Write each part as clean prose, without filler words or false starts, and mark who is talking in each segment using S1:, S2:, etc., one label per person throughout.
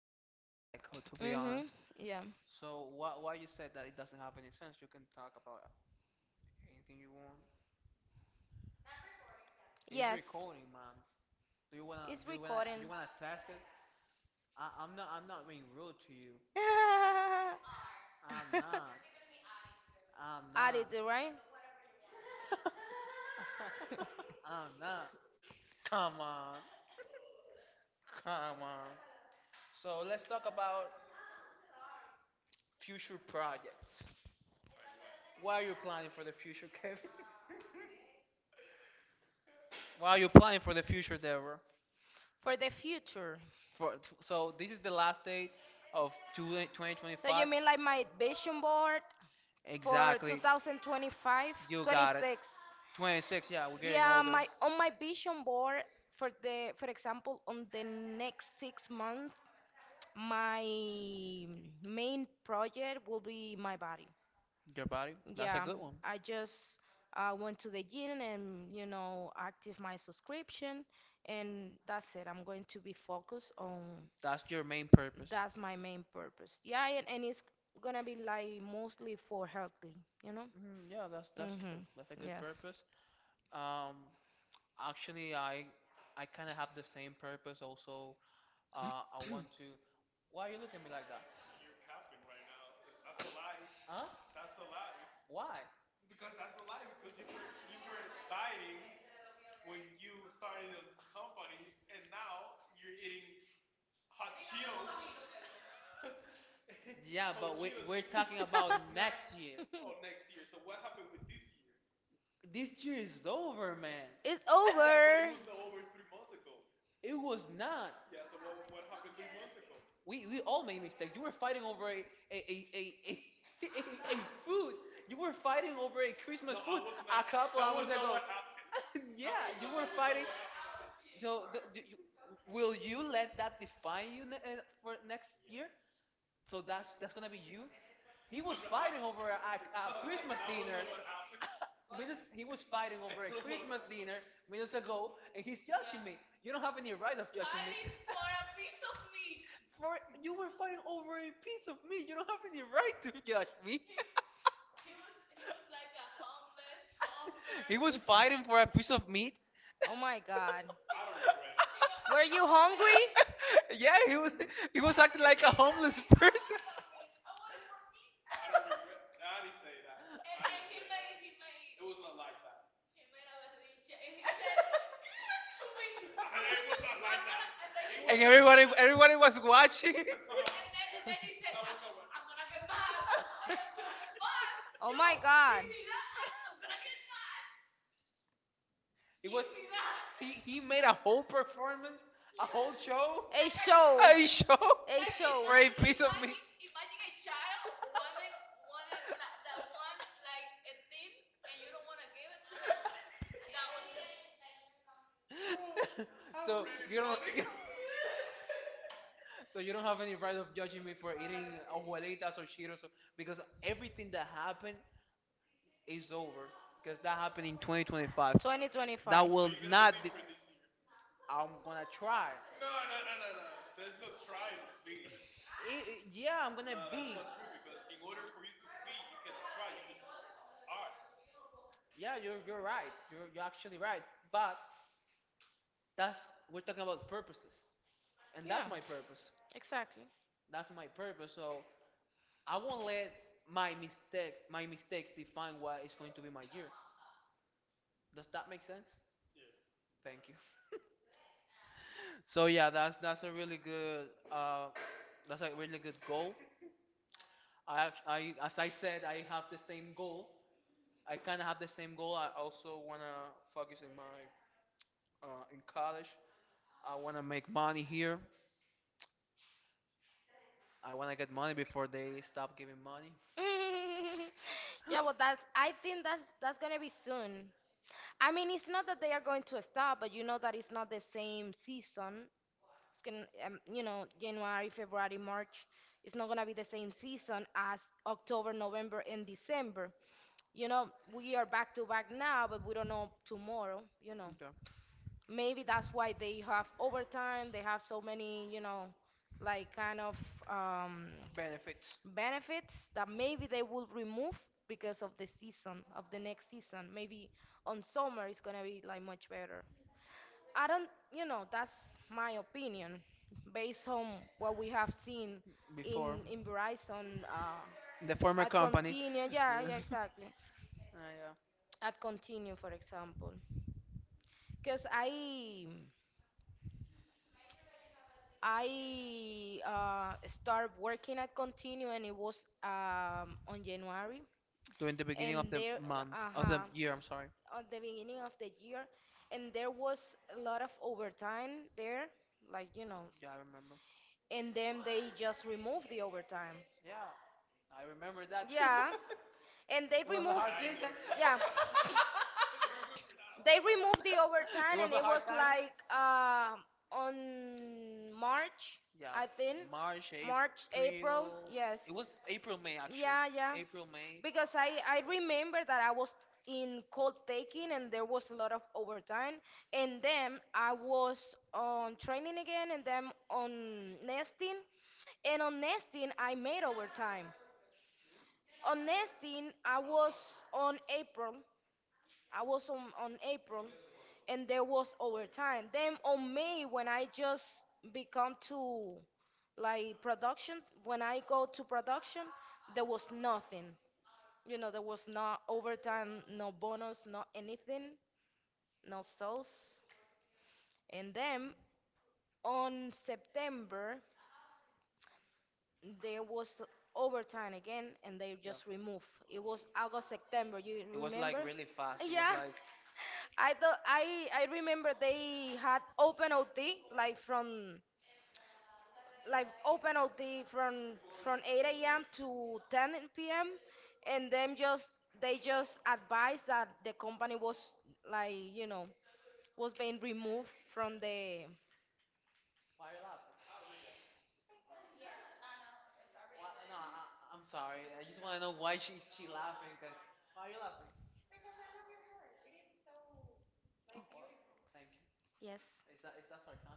S1: I don't like that echo, to be honest.
S2: Mhm. Yeah.
S1: So why you said that it doesn't have any sense? You can talk about anything you want. It's
S2: Yes.
S1: recording, ma'am. Do you wanna
S2: It's
S1: do you wanna do
S2: recording.
S1: you wanna test it? I'm not being rude to you. I'm not. I'm
S2: Added,
S1: not.
S2: right?
S1: I'm not. Come on. Come on. So let's talk about future projects. What are you planning for the future, Kevin? What are you planning for the future, Deborah?
S2: For the future.
S1: For, so this is the last date of 20
S2: So you
S1: 2025.
S2: mean like my vision board for
S1: Exactly.
S2: 2025,
S1: You got it.
S2: 26?
S1: 26. Yeah, we're getting
S2: Yeah,
S1: older.
S2: my vision board for the for example on the next 6 months, my main project will be my body.
S1: Your body. That's a
S2: Yeah,
S1: good one.
S2: I just went to the gym and active my subscription, and that's it. I'm going to be focused on
S1: That's your main purpose.
S2: that's my main purpose. Yeah, and it's gonna be like mostly for healthy, you know?
S1: Mm, yeah, that's
S2: Mm-hmm.
S1: good. That's a good
S2: Yes.
S1: purpose. Um, actually, I kind of have the same purpose also. I want to. Why are you looking at me like that? Huh? Why? Yeah, talking about this year. This year is over, man.
S2: It's over.
S1: It was not. We all made mistakes. You were fighting over a a a, a a, food. You were fighting over a Christmas. yeah. So
S2: Will
S1: will you
S2: you let
S1: let
S2: that
S1: that
S2: define
S1: define
S2: you?
S1: you for next year? So
S2: That's,
S1: that's
S2: that's
S1: that's gonna
S2: gonna
S1: be
S2: be you.
S1: you. He
S2: He was fighting
S1: fighting
S2: over.
S1: over a a-
S2: He, was,
S1: minutes.
S2: he
S1: He
S2: was
S1: was
S2: fighting
S1: fighting
S2: over
S1: over
S2: Christmas dinner
S1: dinner minutes
S2: minutes
S1: ago,
S2: ago, and
S1: and he's
S2: he's yelling
S1: judging
S2: me.
S1: me.
S2: You
S1: You don't
S2: don't have
S1: have
S2: any
S1: any
S2: right
S1: right
S2: of
S1: of judging me. Fighting for a piece of meat. For you were fighting
S2: fighting over
S1: over a
S2: a
S1: piece
S2: pizza.
S1: of meat. You don't have any right to judge me. He was like a homeless hawker. He was fighting for a piece of meat.
S2: Oh my god. You hungry?
S1: yeah, he was acting like a homeless person. Everybody was watching. Fuck! Yo, give me that! I'm gonna get mad! It was
S2: He,
S1: he,
S2: he
S1: he made
S2: made
S1: a
S2: a
S1: whole
S2: whole performance,
S1: performance,
S2: a
S1: a whole
S2: whole
S1: show,
S2: show.
S1: like a a show.
S2: A
S1: Like for a piece of meat. Imagine, a child wanting like, that wants like a thing and you don't want to give it to them. That was it. So really you don't- so you don't have any right of judging me for eating abuelitas or cheetos because everything that happened is over because that happened in 2025 that
S2: 2025.
S1: will i'm gonna try I
S2: Yeah,
S1: yeah, I'm gonna.
S2: yeah,
S1: Yeah,
S2: you're
S1: you're right.
S2: right.
S1: You're
S2: You're
S1: you're actually
S2: actually
S1: right.
S2: right. But
S1: But
S2: that's
S1: that's we're
S2: with
S1: talking about
S2: purposes.
S1: purposes, and that's
S2: Yeah.
S1: my purpose.
S2: Exactly. That's
S1: That's my purpose.
S2: so,
S1: So I won't let my mistakes define
S2: my
S1: what is going to be my year.
S2: purpose.
S1: Does that make sense?
S2: I
S1: Thank you. So yeah, uh, that's a really good goal. I act- I as I said, I have
S2: have
S1: the
S2: the
S1: same
S2: same goal.
S1: goal.
S2: I
S1: I kind of have the same goal. I also
S2: also wanna
S1: wanna
S2: focus
S1: focus
S2: on
S1: in
S2: my
S1: my in college.
S2: college.
S1: I wanna make money here. I want to get money before they stop giving money.
S2: I Yeah, well, that's. I think that's gonna be soon. I mean, it's not that they are going to stop, but you know that it's not the same season. It's gonna, January, February, March. It's not gonna be the same season as October, November, and December. You know, we are back to back now, but we don't know tomorrow. You know.
S1: Yeah.
S2: Maybe that's why they have overtime. They have so many, like kind of um,
S1: Benefits
S2: benefits that maybe they will remove because of the season, of the next season. Maybe on summer it's gonna be like much better. I don't, that's my opinion based on what we have seen
S1: before
S2: in Verizon.
S1: the former
S2: At
S1: company.
S2: Continue, yeah,
S1: Yeah.
S2: yeah, exactly.
S1: Yeah.
S2: At Continue, for example, because I started working at Continue, and it was on January.
S1: During the beginning of
S2: And there,
S1: the
S2: uh-huh,
S1: year, I'm sorry.
S2: at the beginning of the year, and there was a lot of overtime there, like you know.
S1: Yeah, I remember.
S2: And then they just removed the overtime.
S1: Yeah, I remember that.
S2: Yeah, and they removed. Yeah. They removed the overtime, and it was like on March,
S1: Yeah,
S2: I think.
S1: March.
S2: March, April, yes.
S1: It was April, May, actually.
S2: Yeah, yeah.
S1: April, May
S2: Because I remember that I was in cold taking, and there was a lot of overtime, and then I was on training again, and then on nesting, and on nesting I made overtime. On nesting I was on April, I was on April and there was overtime. Then on May when I just become to like production, when I go to production, there was nothing. You know, there was no overtime, no bonus, no anything, no sales. And then on September there was overtime again and they just removed. It was August, September, you
S1: was like
S2: remember?
S1: really fast.
S2: Yeah.
S1: Like,
S2: I thought, I remember they had open OT like from like open OT from 8 a.m. to 10 p.m. and then just they just advised that the company was like was being removed from the.
S1: why are you laughing? Why, no, I'm sorry. I just want to know why is she laughing? Cause why are you laughing? Wha- wha- Thank you.
S2: Yes.
S1: Is that sarcasm?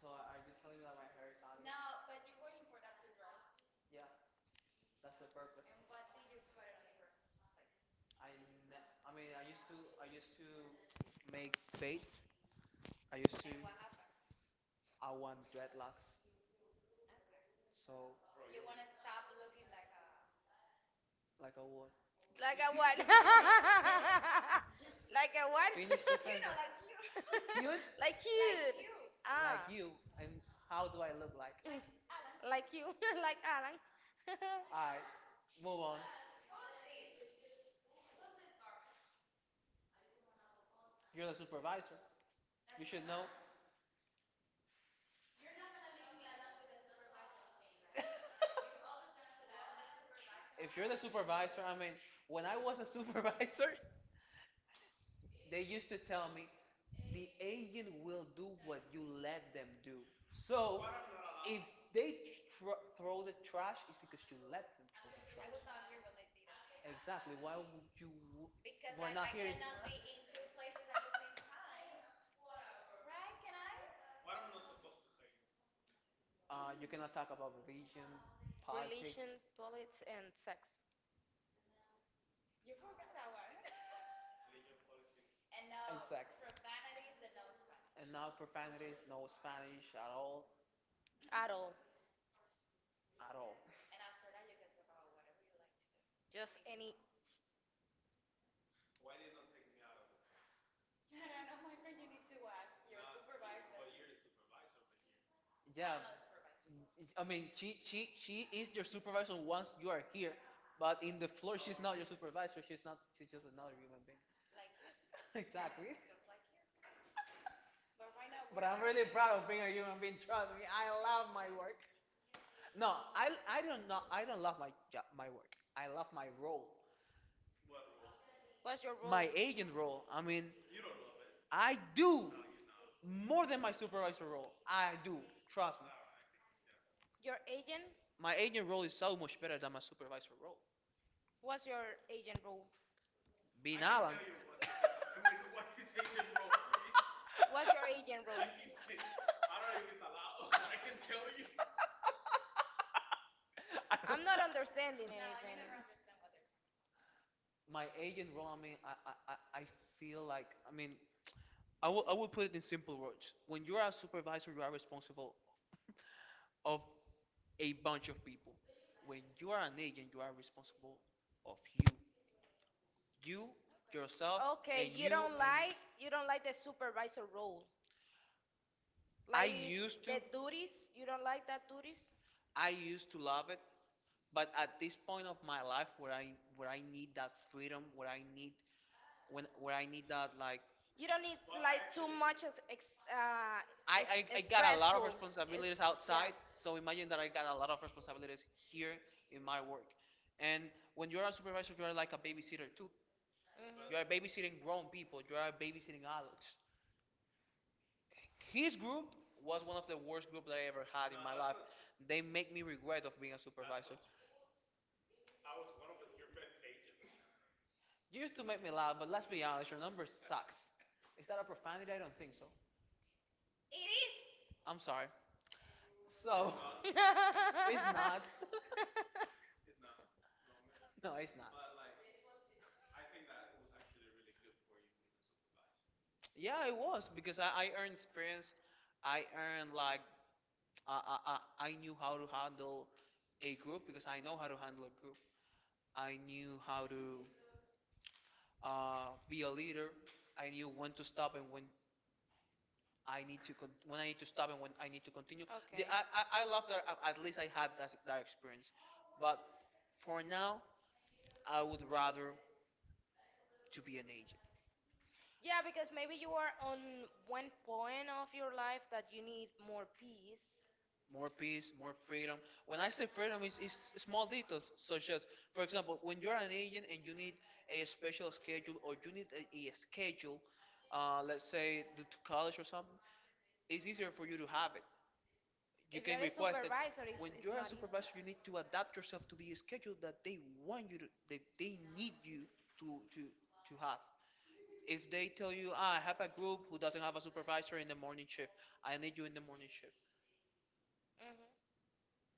S1: So are you telling me that my hair is ugly? Yeah. That's the purpose. I ne- I mean, I used to make fades. I used I want dreadlocks. So like I would
S2: Like a what? Like a what?
S1: cute
S2: Like cute.
S1: like
S2: Ah.
S1: you. And how do I look like?
S2: Like you. Like Alan.
S1: Alright, move on. You're the supervisor. You should know.
S2: If
S1: If you're
S2: you're
S1: the
S2: the
S1: supervisor,
S2: supervisor,
S1: I
S2: I
S1: mean,
S2: mean,
S1: when
S2: when I
S1: I was
S2: was
S1: a
S2: a
S1: supervisor, they
S2: they
S1: used
S2: used
S1: to
S2: to tell
S1: tell
S2: me,
S1: me the
S2: the
S1: agent
S2: agent will
S1: will do what
S2: what
S1: you
S2: you
S1: let
S2: let
S1: them
S2: them do.
S1: do. So
S2: So
S1: if
S2: if
S1: they
S2: they
S1: tr- throw
S2: throw
S1: the
S2: the
S1: trash,
S2: trash,
S1: it's
S2: it's
S1: because
S2: because
S1: you
S2: you
S1: let
S2: let
S1: them
S2: them.
S1: throw the Exactly.
S2: Exactly.
S1: Why
S2: Why would you,
S1: would you? You
S2: you can
S1: cannot
S2: have
S1: talk about religion,
S2: religion,
S1: politics,
S2: religion, politics, and sex. And
S1: no
S2: not
S1: profanities,
S2: profanity, no
S1: no Spanish
S2: Spanish.
S1: at all,
S2: At all.
S1: at all.
S2: Just any. Yeah,
S1: Yeah.
S2: I
S1: I
S2: mean,
S1: mean, she she she is your supervisor once
S2: once
S1: you
S2: you
S1: are
S2: are here,
S1: here, but
S2: but in
S1: in
S2: the
S1: the floor,
S2: floor, she's
S1: not
S2: not
S1: your
S2: your
S1: supervisor.
S2: supervisor, she's,
S1: She's not. She's
S2: she's
S1: just
S2: just
S1: another
S2: another human
S1: human
S2: being.
S1: being. exactly.
S2: Exactly. I'm really
S1: Proud
S2: proud
S1: of
S2: of
S1: being
S2: being
S1: a
S2: a human
S1: human being.
S2: being.
S1: Trust
S2: Trust
S1: me,
S2: me, I
S1: I love
S2: love
S1: my
S2: my
S1: work.
S2: work. No,
S1: No, I
S2: I
S1: I don't know. I don't love my job,
S2: love
S1: my work. I love
S2: my role. What's your role?
S1: my
S2: My,
S1: agent role. I mean,
S2: I
S1: I
S2: do.
S1: do
S2: I'm
S1: more than my
S2: a super. Role.
S1: supervisor role.
S2: I
S1: I
S2: do.
S1: do. Trust
S2: Trust
S1: me.
S2: me. Your agent?
S1: My agent role is so much better than my supervisor role.
S2: What's your agent role?
S1: Be-
S2: What's your agent role? I'm not understanding anything.
S1: my agent role, I mean, I feel like, I mean,
S2: Like.
S1: I will put it in simple words. When you are a supervisor, you are responsible of a bunch of people. When you are an agent, you are responsible of you. You, yourself,
S2: Okay,
S1: and you. And
S2: you don't like the supervisor role.
S1: I
S2: Like
S1: used to,
S2: the duties, you don't like that duties?
S1: I used to love it. But at this point of my life where I need that freedom, where I need that like,
S2: You don't need like too much
S1: I,
S2: I.
S1: I, I got a lot of
S2: It's,
S1: responsibilities outside,
S2: yeah. So
S1: so imagine that I got a lot of responsibilities here
S2: in
S1: in my
S2: my
S1: work.
S2: work. And
S1: And when you're a
S2: supervisor,
S1: supervisor, you're
S2: you're
S1: like
S2: like
S1: a
S2: a babysitter
S1: babysitter too.
S2: too. Mhm.
S1: You
S2: You
S1: are
S2: are
S1: babysitting
S2: babysitting
S1: grown
S2: grown people.
S1: people. You
S2: You
S1: are
S2: are
S1: babysitting
S2: babysitting adults.
S1: adults. His
S2: His
S1: group
S2: group
S1: was
S2: was
S1: one
S2: one
S1: of
S2: of
S1: the
S2: the worst
S1: worst
S2: group
S1: group that
S2: I
S1: I
S2: ever
S1: ever had.
S2: had.
S1: They
S2: They make
S1: make me
S2: me regret
S1: regret
S2: of
S1: of
S2: being
S1: being a
S2: a super.
S1: supervisor. You
S2: You
S1: used
S2: used
S1: to
S2: to
S1: make
S2: make
S1: me
S2: me
S1: laugh,
S2: laugh,
S1: but
S2: but
S1: let's
S2: let's be
S1: be
S2: honest,
S1: honest, your
S2: your
S1: number
S2: number
S1: sucks.
S2: sucks.
S1: Is
S2: Is
S1: that
S2: that
S1: a
S2: a profanity?
S1: profanity?
S2: I
S1: I
S2: don't
S1: don't
S2: think
S1: think so.
S2: so.
S1: I'm
S2: I'm sorry.
S1: sorry. So
S2: It's
S1: it's not.
S2: No,
S1: no,
S2: it's
S1: it's not.
S2: yeah,
S1: Yeah, it
S2: it was.
S1: was because I earned
S2: Experience.
S1: experience. I earned like I, I I knew how to handle a group because I know how to handle a group. I knew how to be a leader. I knew when to stop and when I need to stop and when I need to continue.
S2: Okay.
S1: I love that at least I had that experience.
S2: But
S1: But for now,
S2: I
S1: I
S2: would
S1: would
S2: rather
S1: rather to
S2: to
S1: be an
S2: be.
S1: agent.
S2: Yeah, because maybe you are on one point of your life that you need more peace.
S1: More
S2: More peace,
S1: peace, more
S2: more freedom.
S1: freedom.
S2: When
S1: When I
S2: I
S1: say
S2: say freedom,
S1: freedom,
S2: it's,
S1: it's
S2: it's
S1: small
S2: small details,
S1: details,
S2: such
S1: such
S2: as,
S1: as, for
S2: for example,
S1: example,
S2: when
S1: when you're
S2: you're
S1: an
S2: an agent
S1: agent and
S2: and
S1: you
S2: you need
S1: need a
S2: a special
S1: special schedule
S2: schedule or
S1: or
S2: you
S1: you need
S2: need a,
S1: a,
S2: a
S1: a
S2: schedule,
S1: schedule,
S2: uh, like
S1: let's say due to college or something,
S2: it's
S1: it's easier
S2: easier for
S1: for
S2: you
S1: you to
S2: to have.
S1: have
S2: You.
S1: it. You
S2: If you
S1: can
S2: can are a request it.
S1: request it.
S2: Supervisor, it's. When
S1: When
S2: it's you're
S1: you're
S2: a
S1: a
S2: not easy. Supervisor,
S1: supervisor,
S2: you
S1: you need
S2: need to
S1: to
S2: adapt
S1: adapt
S2: to
S1: yourself
S2: the.
S1: to the schedule that they want you to,
S2: They
S1: they,
S2: need
S1: they
S2: to have.
S1: need you to, to, to have.
S2: If
S1: If
S2: you're
S1: they tell you, ah, I have
S2: a
S1: a group
S2: group who
S1: who doesn't
S2: doesn't
S1: have a supervisor in the morning shift,
S2: have
S1: I need you in the
S2: the morning
S1: morning shift.
S2: shift, hmm,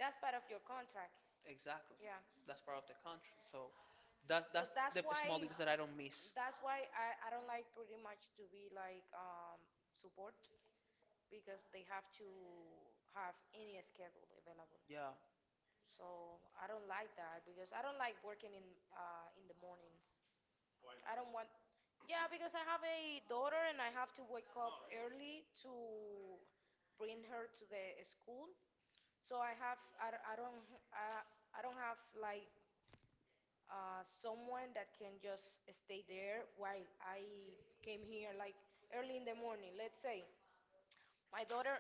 S2: that's part of your contract. Exactly.
S1: Exactly,
S2: Yeah.
S1: that's
S2: That's
S1: part
S2: part
S1: of
S2: of
S1: the
S2: the
S1: country.
S2: contract. So
S1: So that's
S2: That's
S1: the
S2: the why
S1: small
S2: knowledge
S1: details that
S2: that
S1: I
S2: I
S1: don't
S2: miss.
S1: miss.
S2: That's why I don't like pretty much to be like support because they have to have any schedule available.
S1: Yeah,
S2: So I don't like that because I don't like working in the mornings. I don't want yeah because I have a daughter and I have to wake up early to bring her to the school so I, d- I I I, I don't have like someone that can just stay there while I came here like early in the morning. Let's say my daughter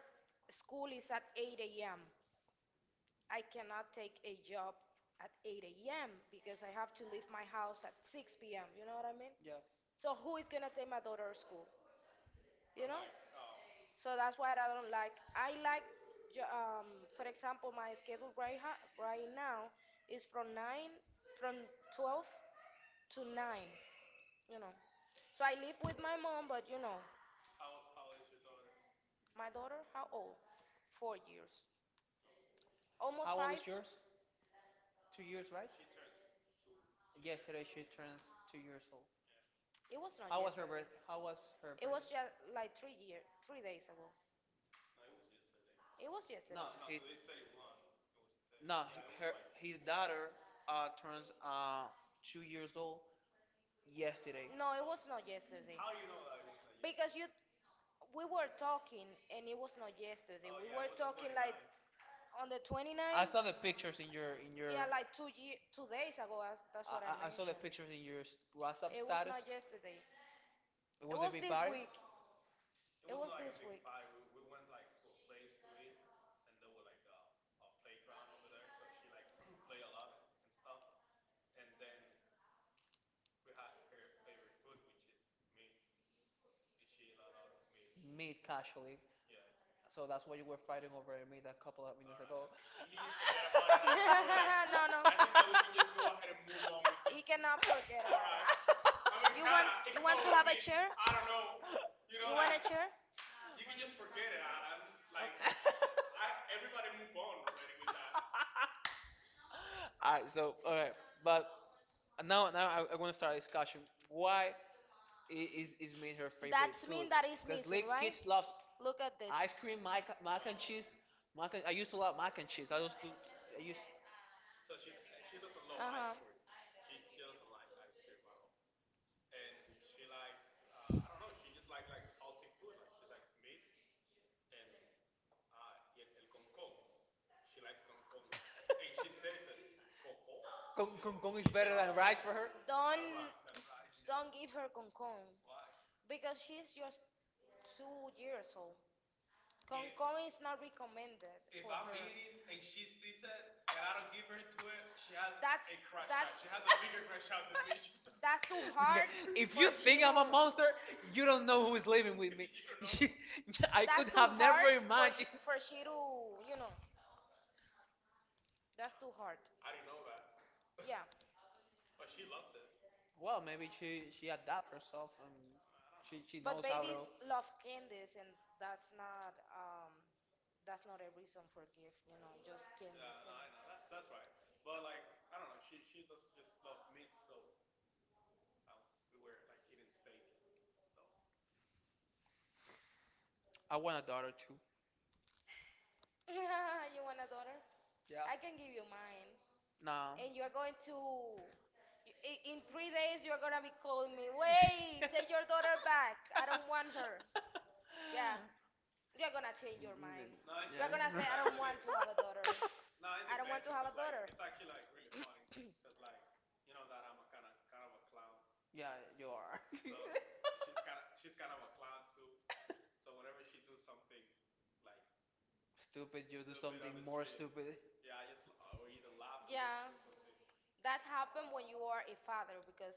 S2: school is at 8 a.m. I cannot take a job at 8 a.m. because I have to leave my house at 6 p.m. You know what I mean?
S1: yeah.
S2: So who is gonna take my daughter to school? You know? So that's why I don't like. I like, jo- um, for example, my schedule right now is from 9, from 12 to 9, you know. So I live with my mom, but you know, my daughter, how old? 4 years. Almost
S1: How old
S2: five.
S1: is
S2: It
S1: yours? 2 years, right? Yesterday she turns 2 years old.
S2: was not
S1: How was her
S2: yesterday.
S1: birth? How was her
S2: It was
S1: birthday?
S2: just like 3 year, 3 days ago. It was yesterday.
S1: No, his daughter turns 2 years old yesterday.
S2: No, it was not yesterday. Because you we were talking and it was not yesterday. Oh, we, yeah, were talking like on the
S1: I
S2: 29th.
S1: saw the pictures in your in
S2: Yeah,
S1: your.
S2: like 2 year, 2 days ago. That's what I
S1: I saw the
S2: mentioned.
S1: pictures in your WhatsApp
S2: I It was
S1: status.
S2: not yesterday.
S1: It
S2: It
S1: was a
S2: was it was
S1: big
S2: this five?
S1: party.
S2: Week. It was like this week. Five. We went like what place to meet
S1: Meat
S2: casually.
S1: casually.
S2: So
S1: So that's why you were fighting
S2: fighting
S1: over
S2: over. Can
S1: meat a couple of minutes ago.
S2: you just forget about it? No, no. He cannot forget about it. You want to have a chair? You want a chair? Okay.
S1: All right. So all right, but now I want to start a discussion. Why? Is made her favorite
S2: That's
S1: food
S2: mean that is
S1: because
S2: missing,
S1: little
S2: right?
S1: kids love
S2: Look at this.
S1: ice cream, mac and cheese. I used to love mac and cheese. I used to I used
S2: Uh-huh.
S1: Kong, Kong, Kong is for her.
S2: Don't don't give her concon because she's just 2 years old. Concon is not recommended for her. That's- that's- That's too hard. If
S1: If
S2: for
S1: you
S2: you she
S1: think
S2: think
S1: I'm
S2: I'm
S1: a
S2: a to.
S1: monster,
S2: Monster, you
S1: you
S2: don't.
S1: don't know who is living with me. She,
S2: I
S1: I
S2: That's
S1: could
S2: think too I'm
S1: have
S2: hard
S1: never
S2: never for mine.
S1: imagined.
S2: He- for she to. You know, that's too hard. Yeah,
S1: Well, maybe
S2: maybe she
S1: she
S2: she
S1: she adapt
S2: adapt
S1: herself
S2: herself. She,
S1: and she
S2: she
S1: she
S2: but knows
S1: knows
S2: how
S1: how
S2: babies
S1: to.
S2: love candies, and that's not um that's not a reason for gift. You know, just no, candies. You know.
S1: I want a daughter too.
S2: You want a daughter?
S1: Yeah.
S2: Yeah. I can give you mine.
S1: No.
S2: And you're going to. In 3 days, you're gonna be calling me. Wait, take your daughter back. I don't want her. Yeah, you're gonna change your mind. You're gonna say I don't want to have a daughter. I don't want to have a daughter. Yeah,
S1: Yeah, you are.
S2: yeah,
S1: Stupid, you stupid.
S2: yeah. That happened when you are a father because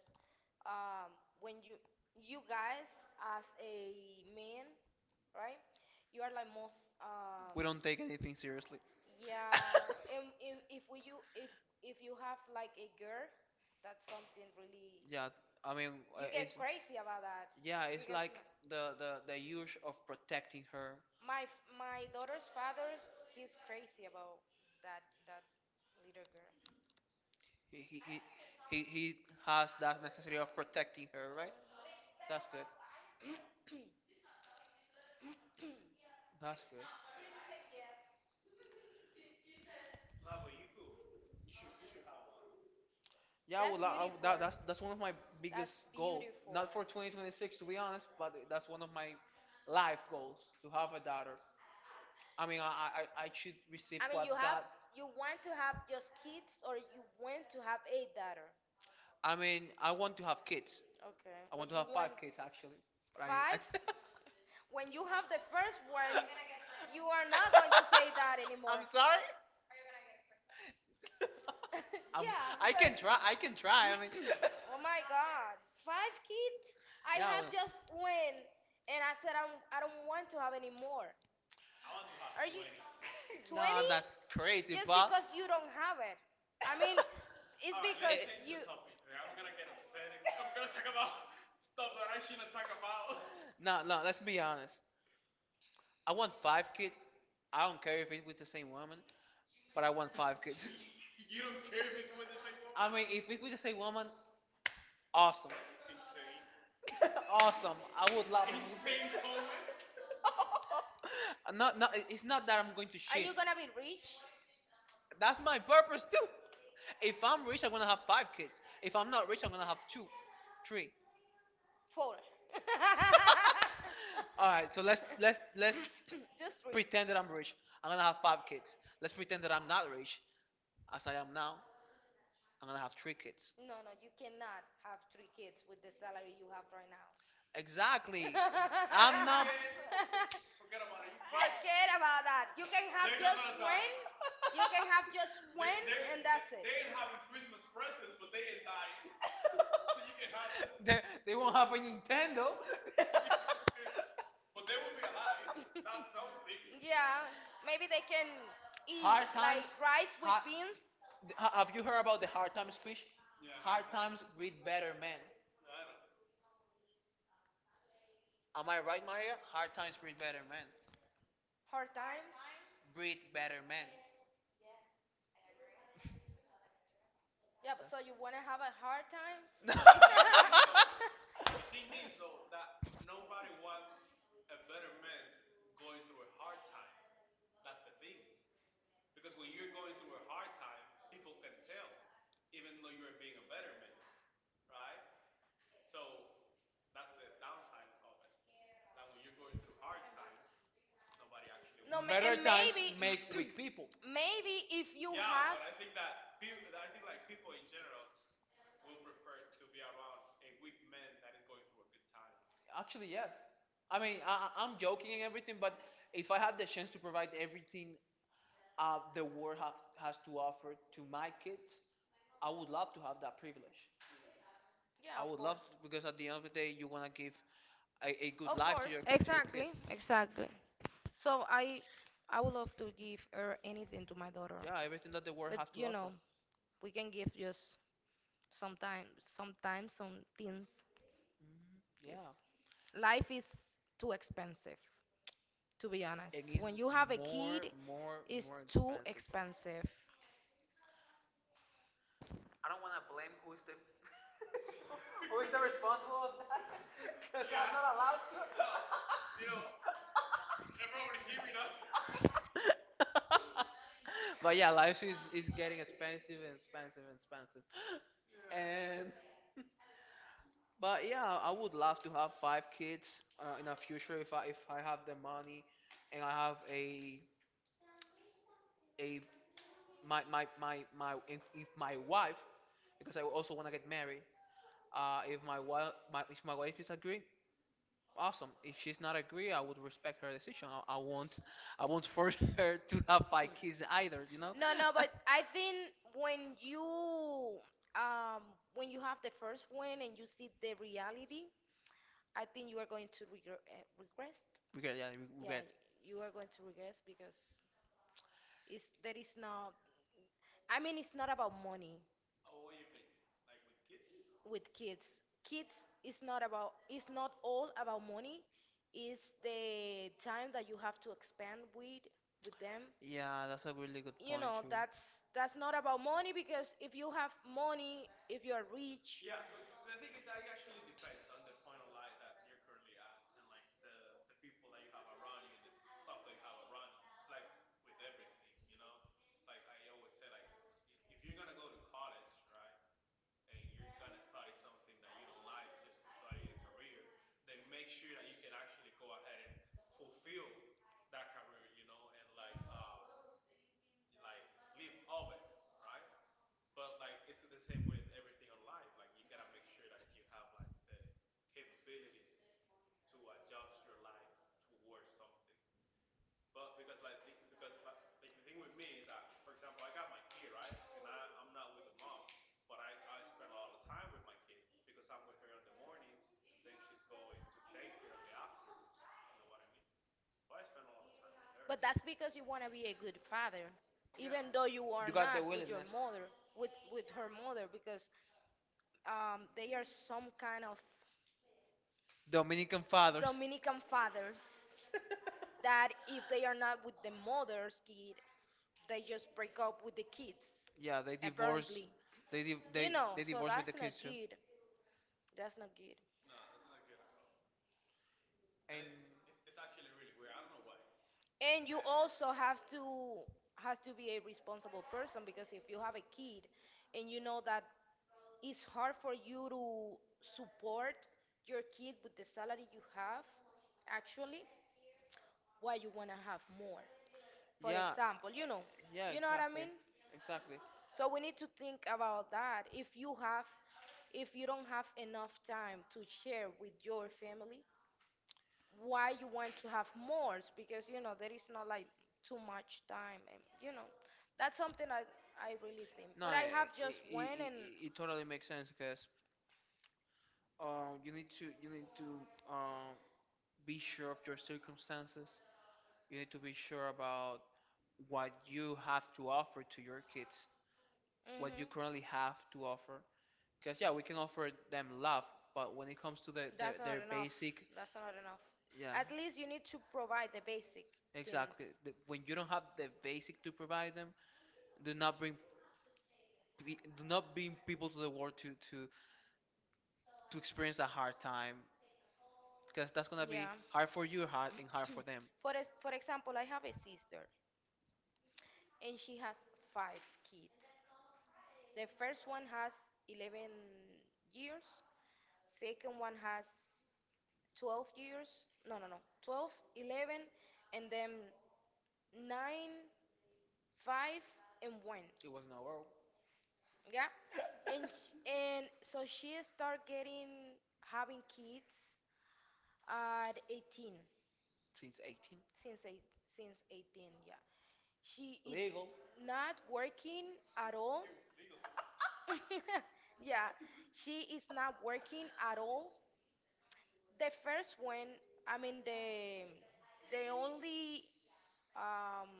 S2: um, when you guys as a man, right? You are like most
S1: We
S2: we
S1: don't take anything seriously.
S2: yeah. And if you have like a girl, that's something really. Yeah,
S1: Yeah,
S2: I
S1: I
S2: mean.
S1: mean,
S2: You get it's crazy about that. Yeah,
S1: yeah,
S2: it's
S1: it's
S2: because like
S1: like
S2: the
S1: the
S2: the
S1: the
S2: the
S1: the
S2: use
S1: use of
S2: of protecting
S1: protecting
S2: her.
S1: her.
S2: My daughter's father, he's crazy about that that little girl.
S1: He he
S2: He
S1: he
S2: he he
S1: he,
S2: he
S1: he
S2: he
S1: has
S2: has
S1: that
S2: that
S1: necessity
S2: necessity of
S1: of protecting
S2: protecting her,
S1: her, right?
S2: right? That's
S1: That's
S2: the.
S1: good. That's good. Yeah,
S2: That's
S1: well,
S2: beautiful.
S1: that's one of my biggest
S2: That's
S1: goal.
S2: beautiful.
S1: Not for 2026, to be honest, but that's one of my life goals to have a daughter. I mean, I should receive.
S2: I mean, you want to have just kids, or you want to have a daughter,
S1: I mean, I want to have kids.
S2: okay,
S1: I
S2: but
S1: want to
S2: you
S1: have five
S2: want
S1: kids actually. But I,
S2: five. When you have the first one, you are not going to say that anymore.
S1: I'm sorry.
S2: Yeah,
S1: I can
S2: because
S1: try. I can try. I mean,
S2: oh my god, five kids? I have just one, and I said I don't want to have any more. Are you
S1: no,
S2: 20?
S1: that's
S2: That's crazy.
S1: crazy.
S2: Just wow. Because you don't have it. I mean, it's alright, because let's change the you. Topic.
S1: No, no. Let's be honest. I want five
S2: Okay.
S1: kids. I don't care if it's with the same woman, but I want five kids. mean,
S2: Wait,
S1: if
S2: if we
S1: it's with
S2: could
S1: the
S2: just say
S1: same
S2: woman,
S1: woman, awesome,
S2: awesome.
S1: awesome.
S2: awesome. I
S1: I would
S2: would
S1: love.
S2: like.
S1: not, not,
S2: It-
S1: it's
S2: it's
S1: not
S2: not that
S1: that
S2: I'm
S1: I'm going
S2: going to.
S1: to
S2: Are shit.
S1: shit.
S2: You gonna be rich?
S1: That's my purpose
S2: Purpose too.
S1: too. If
S2: If I,
S1: I'm rich, I'm gonna have five kids. If
S2: if I
S1: I'm not rich, I'm gonna have
S2: have two,
S1: two,
S2: three,
S1: three.
S2: four.
S1: All right, so let's
S2: Let's
S1: let's
S2: let's let's
S1: let's
S2: just three. Wait.
S1: pretend that I'm rich. I'm gonna have five kids. Let's pretend that I'm not rich, as I am now. I'm gonna have three kids.
S2: No, no, you cannot have three kids with the salary you have right now.
S1: Exactly. I'm not.
S2: Forget about that. You can have just one. You can have just one, and that's it. They,
S1: They,
S2: they
S1: they
S2: won't
S1: won't
S2: have
S1: have a
S2: a Nintendo.
S1: Nintendo.
S2: yeah, maybe they can eat hard times. Like rice with beans.
S1: ha-
S2: Have
S1: Have you
S2: you
S1: heard
S2: heard
S1: about
S2: about
S1: the
S2: the hard
S1: hard
S2: times
S1: times
S2: speech?
S1: speech?
S2: Hard
S1: Hard
S2: times
S1: times breed
S2: breed
S1: better
S2: better men.
S1: men.
S2: Am
S1: Am
S2: I
S1: I
S2: right,
S1: right,
S2: Maria?
S1: Maria?
S2: Hard
S1: Hard
S2: times
S1: times
S2: breed
S1: breed better
S2: better men.
S1: men.
S2: Hard times.
S1: Breed
S2: Breed
S1: better
S2: better
S1: men.
S2: men. Yeah, but so you wanna have a hard time? Better nobody better and
S1: Better
S2: times
S1: times
S2: maybe,
S1: make
S2: make good
S1: weak
S2: people.
S1: people.
S2: Maybe if you
S1: Actually,
S2: actually, yes.
S1: yes. I mean, I'm joking and everything, but
S2: If,
S1: if I had the chance to provide everything
S2: the
S1: the world has to offer to my kids, I would love to have that privilege.
S2: yeah,
S1: I would
S2: of
S1: love to, because at the end of the day, you want to give a good
S2: course. Of
S1: life
S2: course,
S1: to your kid.
S2: exactly, exactly. So I would love to give her anything to my daughter.
S1: Yeah, everything that the world have to
S2: You
S1: offer.
S2: know, we can give just sometimes sometimes some things.
S1: Mhm. Yeah.
S2: Life is too expensive, to be
S1: And
S2: honest.
S1: it's
S2: When you have a
S1: more,
S2: kid,
S1: more,
S2: it's
S1: more
S2: too
S1: expensive.
S2: expensive.
S1: I don't want to blame who's the responsible of that. 'Cause I'm not allowed to. But yeah, life is getting expensive and expensive and expensive. And But yeah, I would love to have five kids in the future
S2: But
S1: if
S2: if I
S1: I if
S2: am
S1: I
S2: my
S1: have the money and I have a my
S2: wife,
S1: my my my if my wife, because I also want to get married. Uh, if my wife my
S2: my
S1: if my wife is agree, awesome. If she's not agree, I would respect her decision. I won't force her to have five kids either.
S2: partner, no, no, but I think when you um when you have the first one and you see the reality, I think you are going to regress. Regret,
S1: Regret, yeah,
S2: yeah, yeah,
S1: regret.
S2: regret. You are going to regress because it's that is not. I mean, it's not about money. With kids. Kids is not about it's not all about money. It's the time that you have to expend with them.
S1: Yeah, that's a really good.
S2: You know, that's not about money because if you have money, if you're rich, but that's because you want to be a good father, even though you
S1: You
S2: are
S1: got the
S2: not with your
S1: willingness.
S2: mother, with her mother, because they are some kind of
S1: Dominican
S2: Dominican fathers,
S1: fathers.
S2: Dominican fathers that if they are not with the mother's kid, they just break up with the kids. Yeah,
S1: Yeah, they
S2: they divorce.
S1: divorce.
S2: Apparently,
S1: They
S2: they
S1: di-
S2: you
S1: they
S2: know.
S1: they
S2: They So divorce
S1: divorce with the
S2: that's the
S1: kids
S2: not
S1: too.
S2: kids. Good. That's not good.
S1: And
S2: And you also have to, has to be a responsible person because if you have a kid and you know that it's hard for you to support your kid with the salary you have, actually, why you want to have more? For
S1: yeah,
S2: example,
S1: yeah,
S2: you know what I
S1: exactly,
S2: mean?
S1: exactly.
S2: So we need to think about that. If you have, if you don't have enough time to share with your family, why you want to have more because you know there is not like too much time and you know that's something I really think
S1: No,
S2: but I have just
S1: it
S2: went
S1: it,
S2: and
S1: it, it totally makes sense because you need to um be sure of your circumstances. You need to be sure about what you have to offer to your kids, what you
S2: mhm.
S1: currently have to offer. Because
S2: Because
S1: yeah,
S2: yeah,
S1: we
S2: we
S1: can
S2: can
S1: offer
S2: offer
S1: them
S2: them
S1: love,
S2: love, but
S1: but when
S2: when
S1: it
S2: it
S1: comes
S2: comes
S1: to
S2: to the, that's the
S1: their
S2: not their enough. Basic,
S1: basic,
S2: that's not enough.
S1: yeah,
S2: Yeah, at least you need to provide the basic exactly. Things.
S1: exactly. The,
S2: But
S1: when
S2: when
S1: you
S2: you
S1: don't
S2: don't
S1: have
S2: have
S1: the
S2: the
S1: basic
S2: basic
S1: to
S2: to
S1: provide
S2: provide
S1: them,
S2: them,
S1: do
S2: do
S1: not
S2: not
S1: bring
S2: bring do
S1: do not
S2: not
S1: bring
S2: bring
S1: people
S2: people
S1: to
S2: to
S1: the
S2: the
S1: world
S2: world to
S1: to
S2: to
S1: to
S2: to
S1: to experience a
S2: experience a
S1: hard
S2: hard
S1: time,
S2: time,
S1: because
S2: because
S1: that's
S2: that's
S1: gonna
S2: gonna be
S1: be
S2: yeah.
S1: hard
S2: Hard
S1: for
S2: for
S1: you,
S2: you,
S1: hard
S2: hard
S1: and hard
S2: hard for.
S1: for them.
S2: For, for example, I have a sister and she has five kids. The first one has 11 years, second one has 12 years. No, no, no. 12, 11, and then 9, 5, and 1.
S1: It was in our world
S2: Yeah. And and so she start getting having kids at 18.
S1: since 18.
S2: Since eight, since 18, yeah. She is
S1: Legal.
S2: not working at all. yeah, she is not working at all. The first one, I mean the only um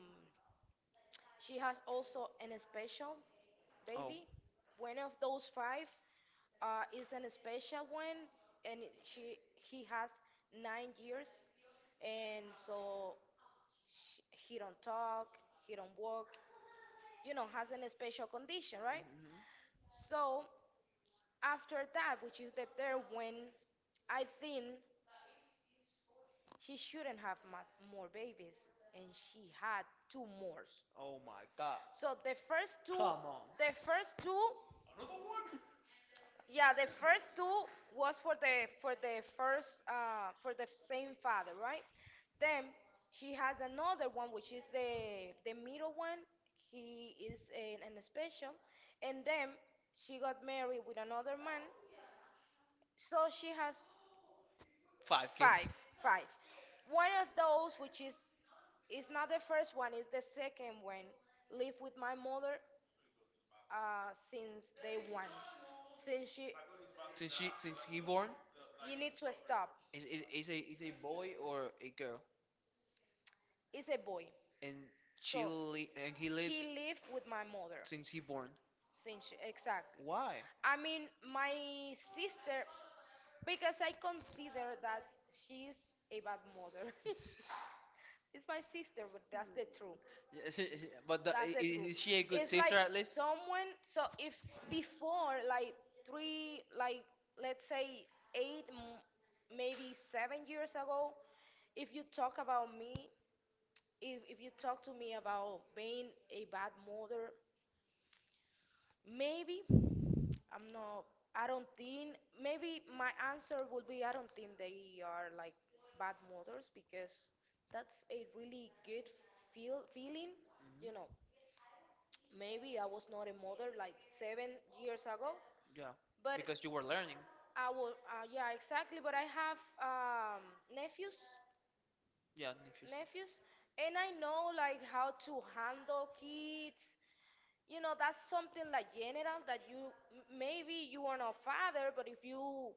S2: she has also an special baby. One of those five is an special one, and she he has 9 years, and so sh he don't talk, he don't walk, you know, has an special condition, right?
S1: Hmm.
S2: So after that, which is the third one, I think she shouldn't have more babies, and she had two more.
S1: Oh my God.
S2: So the first two,
S1: Come on.
S2: the first two, yeah, the first two was for the first for the same father, right? Then she has another one, which is the middle one. He is an special, and then she got married with another man. So she has
S1: Five
S2: five. Five. One of those, which is not the first one, is the second one. Live with my mother since day one. Since she,
S1: kids since he born.
S2: you need to stop.
S1: Is a boy or a girl,
S2: It's a boy.
S1: and she
S2: So
S1: li and he lives
S2: he lived with my mother
S1: since he born.
S2: since she, exactly.
S1: Why?
S2: I mean, my sister, because I consider that she's a bad mother. It's my sister, but that's the truth.
S1: Yes. But
S2: That's the
S1: is
S2: truth.
S1: she a good?
S2: It's like someone, so if before, like three, like let's say eight, maybe 7 years ago, if you talk about me, if you talk to me about being a bad mother, maybe I'm not. I don't think. Maybe my answer would be I don't think they are like bad mothers because that's a really good feeling. You
S1: Mhm,
S2: know, maybe I was not a mother like 7 years ago,
S1: yeah,
S2: but
S1: because you were learning.
S2: I was. Yeah, exactly. But I have nephews
S1: Yeah, Nifis.
S2: nephews and I know like how to handle kids you know that's something like general that you maybe you are not father but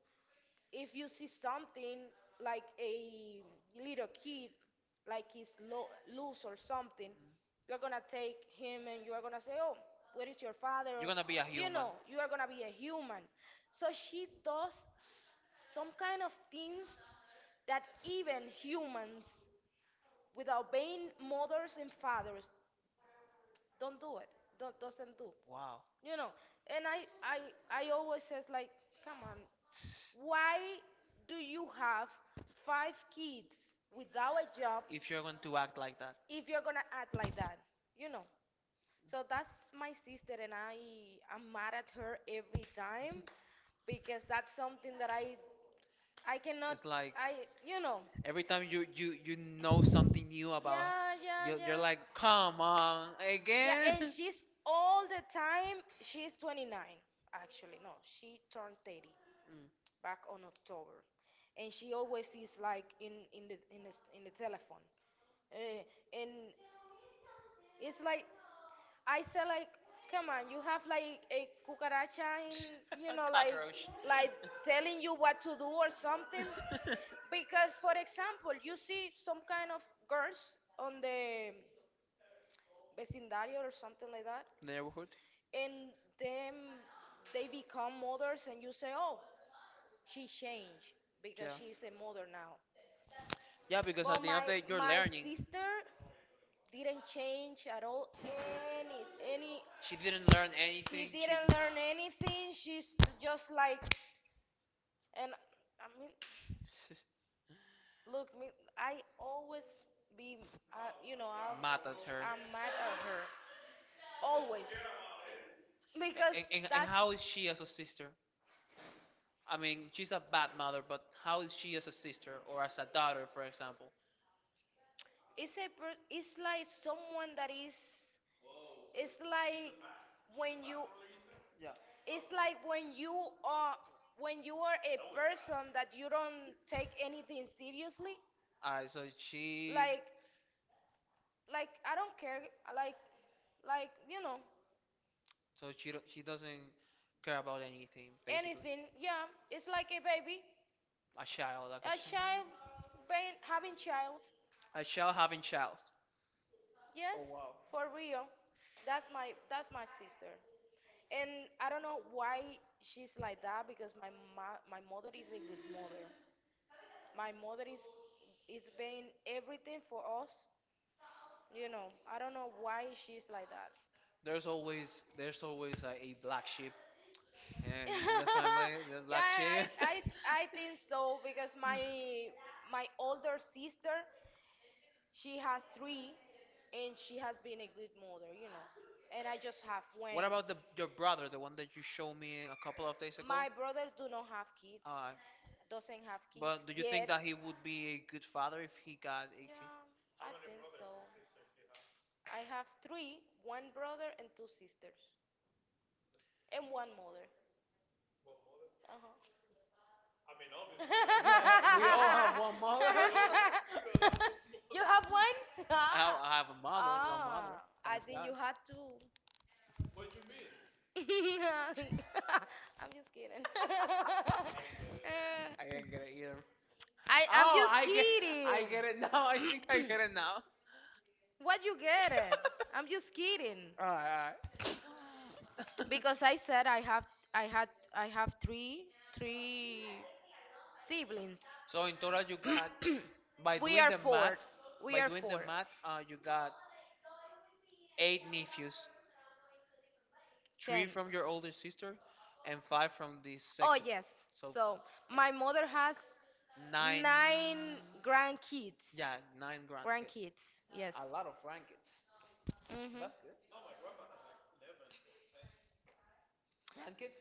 S2: if you see something like a little kid like he's loose or something
S1: Mm.
S2: you're gonna take him and you're gonna say oh where is your father or, you know you are gonna be a human so she does some kind of things that even humans without being mothers and fathers don't do it. Don't doesn't do.
S1: Wow.
S2: You know, and I I always says like, come on, why do you have five kids without a job
S1: Act like that.
S2: if you're gonna act like that? You know. So that's my sister, and I am mad at her every time because that's something that I cannot
S1: Like
S2: I you know
S1: every time you know something new about,
S2: yeah, yeah,
S1: you're
S2: yeah.
S1: like, come
S2: Like,
S1: on
S2: yeah,
S1: again.
S2: and she's all the time, she's 29, actually. No, she turned 30
S1: Mm.
S2: back on October. And she always is like in the telephone. Eh, and it's like I said, like, come on, you have like a cucaracha in, you know, like telling you what to do or something. Because, for example, you see some kind of girls on the vecindario or something like that,
S1: Neighborhood.
S2: and then they become mothers, and you say, oh, she changed because she's a mother now.
S1: Yeah, because
S2: But my sister didn't change at all any any
S1: she didn't learn.
S2: she didn't learn anything. She's just like and I mean look me I always be you know I'll,
S1: Mad at her.
S2: I'm mad at her always because and that's
S1: How
S2: how
S1: is
S2: is
S1: she
S2: she
S1: as
S2: as
S1: a
S2: a
S1: sister?
S2: sister?
S1: I
S2: I
S1: mean,
S2: mean,
S1: she's
S2: she's
S1: a
S2: a
S1: bad
S2: bad
S1: mother,
S2: mother,
S1: but
S2: but
S1: how
S2: how
S1: is
S2: is
S1: she
S2: she
S1: as a
S2: as a
S1: sister
S2: sister
S1: or
S2: or
S1: as
S2: as
S1: a
S2: a
S1: daughter,
S2: daughter,
S1: for
S2: for
S1: example?
S2: example? It's like someone that is it's like when you
S1: Yeah.
S2: yeah. It's like are when you are a person that you don't take anything seriously.
S1: Uh, so
S2: So
S1: she,
S2: Like like I don't care. Like like you know so
S1: she
S2: she doesn't
S1: doesn't care
S2: care
S1: about
S2: about
S1: anything.
S2: anything. Anything. Yeah, it's like a baby,
S1: A
S2: a
S1: child,
S2: child.
S1: like
S2: A child, being, having child.
S1: a
S2: A
S1: child
S2: child
S1: having
S2: having
S1: child.
S2: child.
S1: Oh
S2: Yes,
S1: wow.
S2: for real. That's my, that's my sister. And I don't know why she's like that because my mother is a good mother. My mother is paying everything for us. You know, I don't know why she's like that.
S1: There's always, there's always a black sheep in, in the family.
S2: yeah, I I think so because my older sister, she has three, and she has been a good mother, you know. And I just have one.
S1: What
S2: What
S1: about
S2: about
S1: the
S2: the
S1: your
S2: your
S1: brother,
S2: brother,
S1: the
S2: the
S1: one
S2: one that
S1: that you
S2: you
S1: showed
S2: showed me
S1: me
S2: a
S1: a couple
S2: couple
S1: of
S2: of
S1: days
S2: days ago?
S1: ago?
S2: My brother do not have kids,
S1: Uh,
S2: alright. Doesn't have kids well,
S1: but do
S2: do
S1: you
S2: you
S1: think
S2: think yet.
S1: that
S2: That
S1: he
S2: he
S1: would
S2: would
S1: be
S2: be a
S1: a good
S2: good
S1: father
S2: father
S1: if
S2: if
S1: he
S2: he got
S1: got
S2: a
S1: a
S2: good
S1: kid?
S2: yeah, I think so. I have three, one brother and two sisters, and one mother. Uh-huh.
S1: One mother.
S2: you have one? No,
S1: I have,
S2: ah.
S1: I have a mother, one mother.
S2: Ah, I
S1: Thanks
S2: think
S1: God.
S2: you had two. I'm just kidding.
S1: I
S2: Uh,
S1: didn't get it either.
S2: I'm
S1: Oh,
S2: just
S1: I get, I
S2: kidding.
S1: get it now. I think I get it now.
S2: What you get it? I'm just kidding.
S1: All right, all right.
S2: Because I said I have, I had, I have three three siblings.
S1: So in total, you got, by
S2: we
S1: doing
S2: are
S1: the math,
S2: four.
S1: by
S2: We are
S1: doing the
S2: four.
S1: math, you got eight nephews, three
S2: Ten.
S1: from your older sister, and five from the,
S2: Oh, yes.
S1: so
S2: So my mother has
S1: nine.
S2: nine grandkids.
S1: Yeah, nine grand.
S2: Grandkids, yes.
S1: A lot of grandkids.
S2: Hmm.
S1: That's good. Grandkids?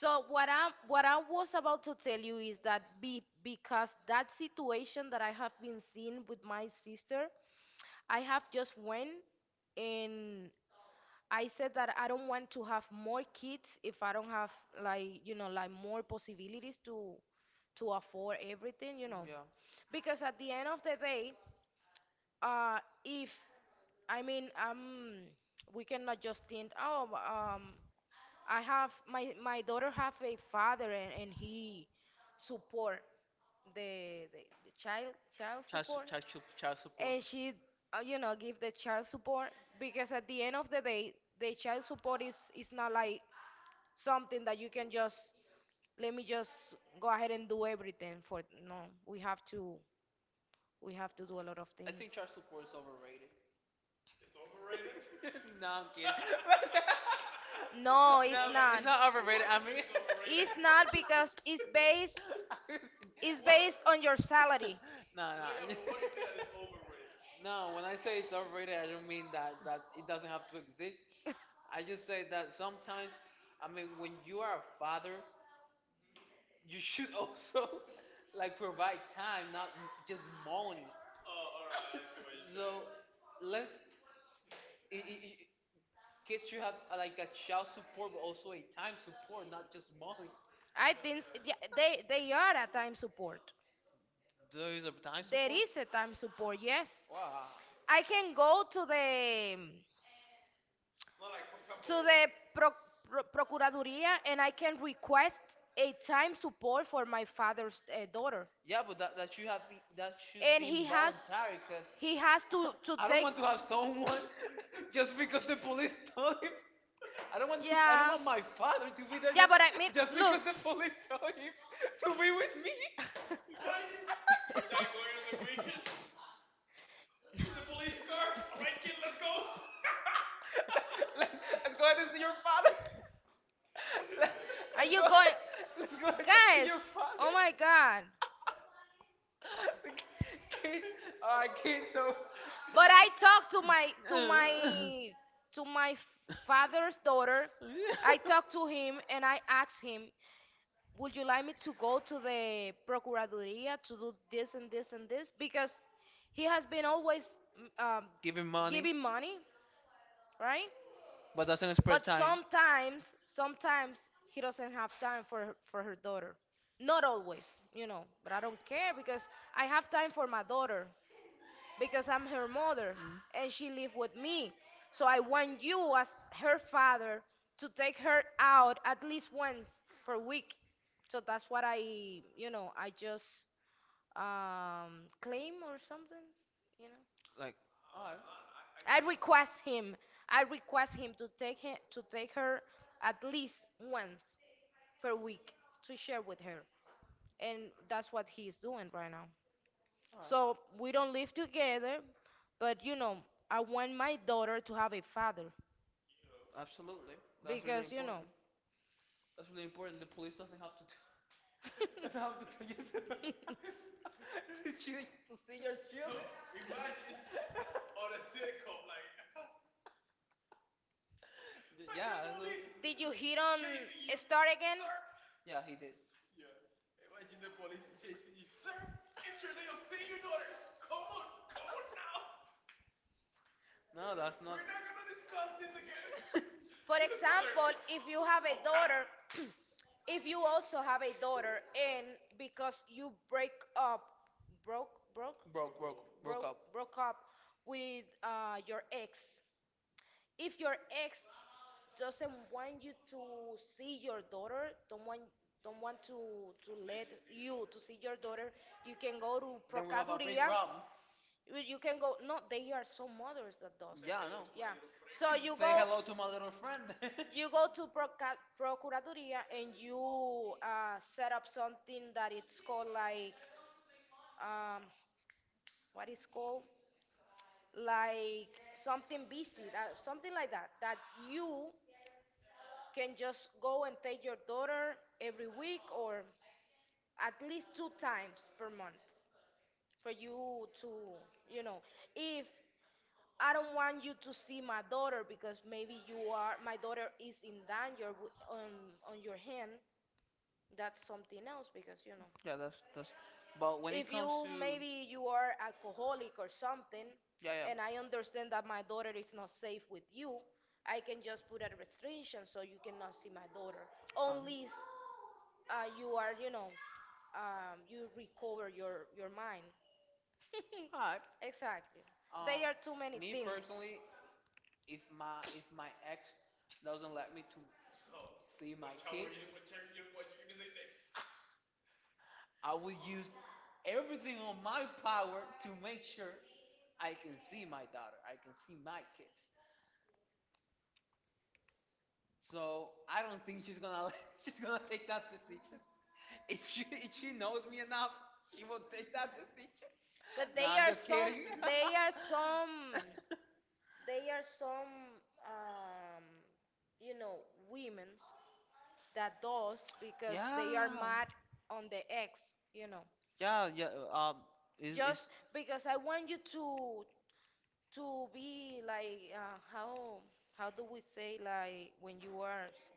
S2: So what I was about to tell you is that because that situation that I have been seeing with my sister, I have just went and I said that I don't want to have more kids if I don't have like you know like more possibilities to afford everything, you know.
S1: Yeah.
S2: Because at the end of the day, uh, if I mean, we cannot just think, I have my daughter have a father and he support the child
S1: Child, su-
S2: support,
S1: child, child, child support.
S2: and she give the child support, because at the end of the day, the child support is not like something that you can just let me just go ahead and do everything for. No, we have to. We have to do a lot of
S1: I
S2: things.
S1: think child support is overrated. No, I'm kidding.
S2: No. No, it's
S1: It's
S2: not.
S1: not overrated.
S2: It's not, because it's based on your salary.
S1: No,
S2: No, no.
S1: no. When I say it's overrated, I don't mean that it doesn't have to exist. I just say that sometimes, I mean, when you are a father, you should also
S2: Like,
S1: like provide time, not just money.
S2: so let's
S1: Let's
S2: it, it, it
S1: I- Kids
S2: kids
S1: should
S2: should
S1: have
S2: have like
S1: like
S2: a
S1: a child
S2: child support,
S1: support, but
S2: but also
S1: also
S2: a
S1: a
S2: time
S1: time
S2: support,
S1: support, not
S2: not
S1: just
S2: just
S1: money.
S2: money. I think yeah, they are a time support.
S1: There
S2: There
S1: is
S2: is a
S1: a time.
S2: time There support. Is a time support, yes.
S1: Wow.
S2: I can go to the pro, procuraduría, and I can request a time support for my father's daughter. Yeah,
S1: Yeah, but
S2: but that should have that
S1: that
S2: should
S1: should
S2: And be
S1: be
S2: he has voluntary,
S1: voluntary, cause
S2: because he has to I don't
S1: I don't
S2: take
S1: want to have
S2: want to
S1: someone just because the police told him. I don't
S2: have
S1: want to. I don't
S2: yeah.
S1: want my father to be there
S2: Yeah,
S1: just
S2: but I mean,
S1: just
S2: look,
S1: because the police told him to be with me. Let us go ahead and see your father. Let
S2: are
S1: us
S2: you
S1: go.
S2: going,
S1: Let's go ahead and see
S2: guys?
S1: your
S2: Oh
S1: father.
S2: my God!
S1: Kid, all right, kid. So
S2: But I talked to my father's daughter. I talked to him and I asked him, "Would you like me to go to the procuraduría to do this and this and this?" Because he has been always mm, um,
S1: give him money,
S2: giving money, right?
S1: but doesn't
S2: But
S1: expect time.
S2: sometimes he doesn't have time for her daughter. Not always, you know, but I don't care, because I have time for my daughter because I'm her mother and she live with me. So I want you as her father to take her out at least once per week. So that's what I, you know, I just claim or something, you know.
S1: Like, all right,
S2: I request him. I request him, to take her at least once per week to share with her, and that's what he's doing right now.
S1: all
S2: So we don't live together, but you know, I want my daughter to have a father
S1: right, absolutely. That's really
S2: because you know.
S1: important. That's really important. The police doesn't have to do. I don't have to tell you to, to choose to see your children.
S2: Did you hit on a start again?
S1: Yeah, he did. No, that's
S2: For example, if you have a daughter if you also have a daughter and because you break up, broke, broke,
S1: broke, broke.
S2: broke, broke up with your ex, if your ex doesn't want you to see your daughter, don't want to let you to see your daughter, you can go to
S1: Then we have a
S2: Procuraduría.
S1: problem.
S2: Well, you can go. No, they are some mothers that does. Yeah. Yeah. So you go. Hello
S1: Go
S2: to
S1: to
S2: my
S1: my little
S2: little friend.
S1: friend.
S2: You go to proca Procuraduría and you set up something that it's called like um, what is called like something busy, something like that, that you can just go and take your daughter every week or at least two times per month, for you to, you know, if I don't want you to see my daughter because maybe you are my daughter is in danger on your hand. That's something else, because you know
S1: Yeah, that's. But when
S2: if
S1: it
S2: you
S1: comes to,
S2: maybe you are alcoholic or something
S1: yeah,
S2: and
S1: yeah.
S2: I understand that my daughter is not safe with you, I can just put a restriction so you cannot see my daughter.
S1: Um,
S2: Only you are, you know, you recover your mind.
S1: Hi.
S2: Exactly. They
S1: Um,
S2: are too many
S1: Me
S2: things.
S1: personally,
S2: If
S1: if
S2: my
S1: my
S2: if
S1: if
S2: my
S1: my
S2: ex
S1: ex
S2: doesn't
S1: doesn't
S2: let
S1: let
S2: me
S1: me
S2: to
S1: to
S2: see,
S1: see my,
S2: I
S1: I
S2: will
S1: will
S2: use
S1: use everything
S2: everything on
S1: on
S2: my
S1: my
S2: power
S1: power
S2: to
S1: to
S2: make
S1: make
S2: sure
S1: sure
S2: I
S1: I
S2: can
S1: can
S2: see
S1: see
S2: my
S1: my
S2: daughter.
S1: daughter.
S2: I
S1: I
S2: can
S1: can
S2: see
S1: see
S2: my
S1: my
S2: kids.
S1: kids.
S2: So
S1: So
S2: I
S1: I
S2: don't
S1: don't
S2: think
S1: think
S2: she's
S1: she's
S2: gonna
S1: gonna
S2: let, she's
S1: she's
S2: gonna
S1: gonna
S2: take
S1: take
S2: that
S1: that
S2: decision.
S1: decision.
S2: If
S1: If
S2: she
S1: she
S2: if
S1: if
S2: she
S1: she
S2: knows
S1: knows
S2: me
S1: me
S2: enough,
S1: enough,
S2: she
S1: she
S2: will
S1: won't
S2: take
S1: take
S2: that
S1: that
S2: decision.
S1: decision.
S2: But no,
S1: No,
S2: they
S1: I'm
S2: are
S1: just
S2: some,
S1: kidding.
S2: they are some, they are some, you know, women's that does because they are
S1: Yeah,
S2: mad on the ex, you know.
S1: yeah, yeah. uh, Um, is
S2: Just because I want you to be like how do we say like when you are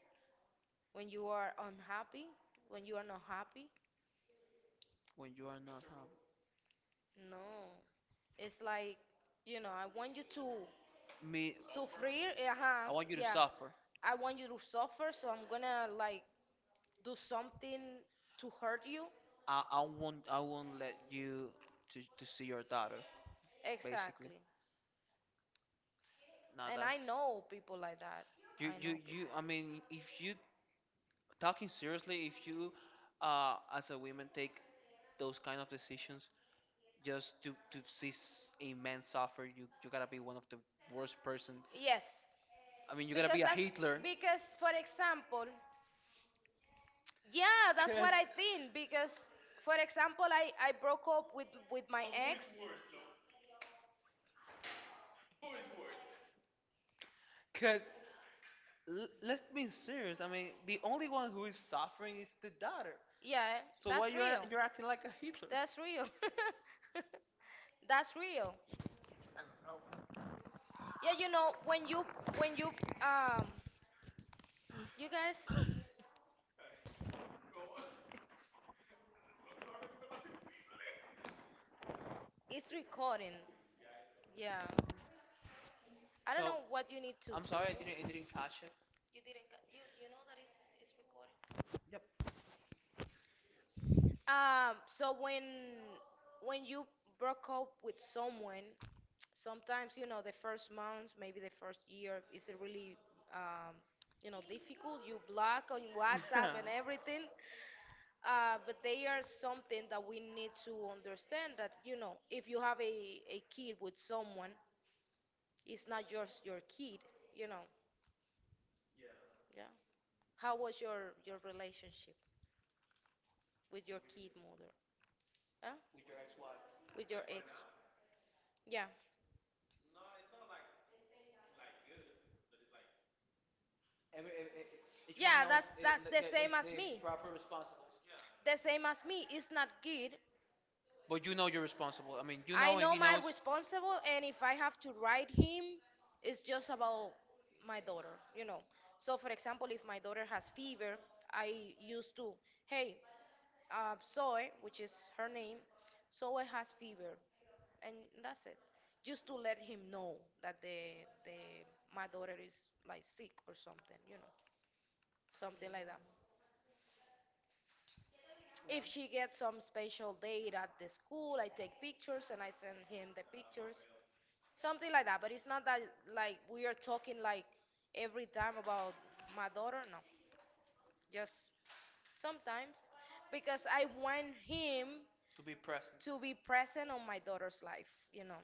S2: when you are unhappy, when you are not happy?
S1: when you are not happy.
S2: No. It's like, you know, I want you to
S1: Me,
S2: sufrir, eh, ajá,
S1: I want you to
S2: yeah.
S1: suffer.
S2: I want you to suffer, so I'm gonna like do something to hurt you.
S1: I won't let you to see your daughter. Basically,
S2: Exactly.
S1: no,
S2: And I
S1: that's
S2: know people like that. I
S1: you
S2: know
S1: you
S2: people.
S1: you. I mean, if you talking seriously, if you, as a woman take those kind of decisions, just to see a man suffer. You gotta be one of the worst person.
S2: Yes.
S1: I mean, you gotta
S2: Because
S1: be a
S2: that's
S1: Hitler.
S2: because for example, yeah, that's what
S1: because
S2: I think because for example, I broke up with my ex.
S1: because
S2: L- let's
S1: let's
S2: be
S1: be
S2: serious.
S1: serious,
S2: I
S1: I
S2: mean,
S1: mean
S2: the
S1: the
S2: only
S1: only
S2: one
S1: one
S2: who
S1: who
S2: is
S1: is
S2: suffering
S1: suffering
S2: is
S1: is
S2: the
S1: the
S2: daughter.
S1: daughter,
S2: Yeah, so
S1: so
S2: that's
S1: why
S2: why do
S1: you're
S2: you have real. Have
S1: you're
S2: to
S1: acting like a
S2: get emotional?
S1: Hitler.
S2: That's real. That's real. Yeah, you know, when you you guys, it's recording. Yeah. I don't know
S1: So
S2: what you need to I'm do.
S1: I'm
S2: Sorry,
S1: sorry, i didn't i
S2: I didn't
S1: didn't
S2: catch
S1: catch
S2: it.
S1: it. Yep.
S2: So when you broke up with someone, sometimes you know the first months, maybe the first year, is it really um, you know difficult? You block on WhatsApp and everything, but they are something that we need to understand that you know if you have a kid with someone, it's not just your kid, you know. Yeah. How was your relationship with your kid mother? Huh?
S1: With your ex-wife,
S2: With your ex. Yeah. No, like
S1: every,
S2: yeah, that's the same as me.
S1: proper, responsible.
S2: Yeah. The same as me. It's not good.
S1: But you know you're
S2: So
S1: responsible, I mean you
S2: I know my responsible, and if I have to write him, it's just about my daughter, you know. So, for example, if my daughter has fever, I used to, hey, Zoe, which is her name, Zoe has fever, and that's it. Just to let him know that the my daughter is like sick or something, you know, something like that. If she gets some special date at the school, I take pictures and I send him the pictures. Something like that. But it's not that like we are talking like every time about my daughter. No, just sometimes because I want him
S1: need to be present.
S2: to be present on my daughter's life, you know,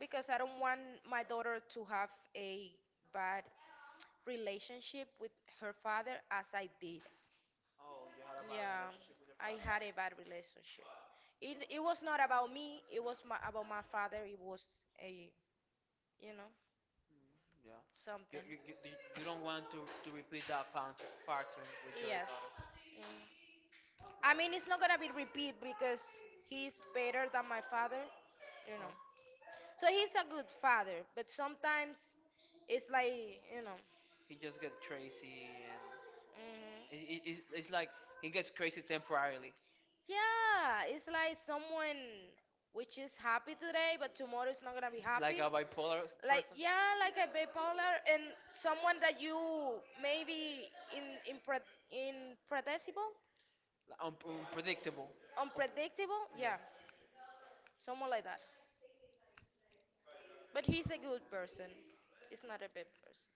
S2: because I don't want my daughter to have a bad relationship with her father as I did.
S1: Oh, you had
S2: Yeah,
S1: relationship with her.
S2: I had a bad relationship. It was not about me, it was about my father. It was a, you know.
S1: Mm, yeah.
S2: Something.
S1: You, you, you, you don't want to repeat that pattern with your
S2: Yes.
S1: daughter.
S2: Mm. I mean, it's not gonna be repeat because he's better than my father, you know.
S1: Oh,
S2: So he's a good father, but sometimes it's like, you know.
S1: he just gets crazy, and it, it,
S2: Hmm.
S1: it's- it's like he gets crazy temporarily.
S2: Yeah, it's like someone which is happy today, but tomorrow is not gonna be happy.
S1: Bipolar,
S2: Like yeah, like a bipolar and someone that you maybe in impredictable,
S1: unpredictable.
S2: unpredictable, yeah, someone like that, but he's a good person. He's not a bad person.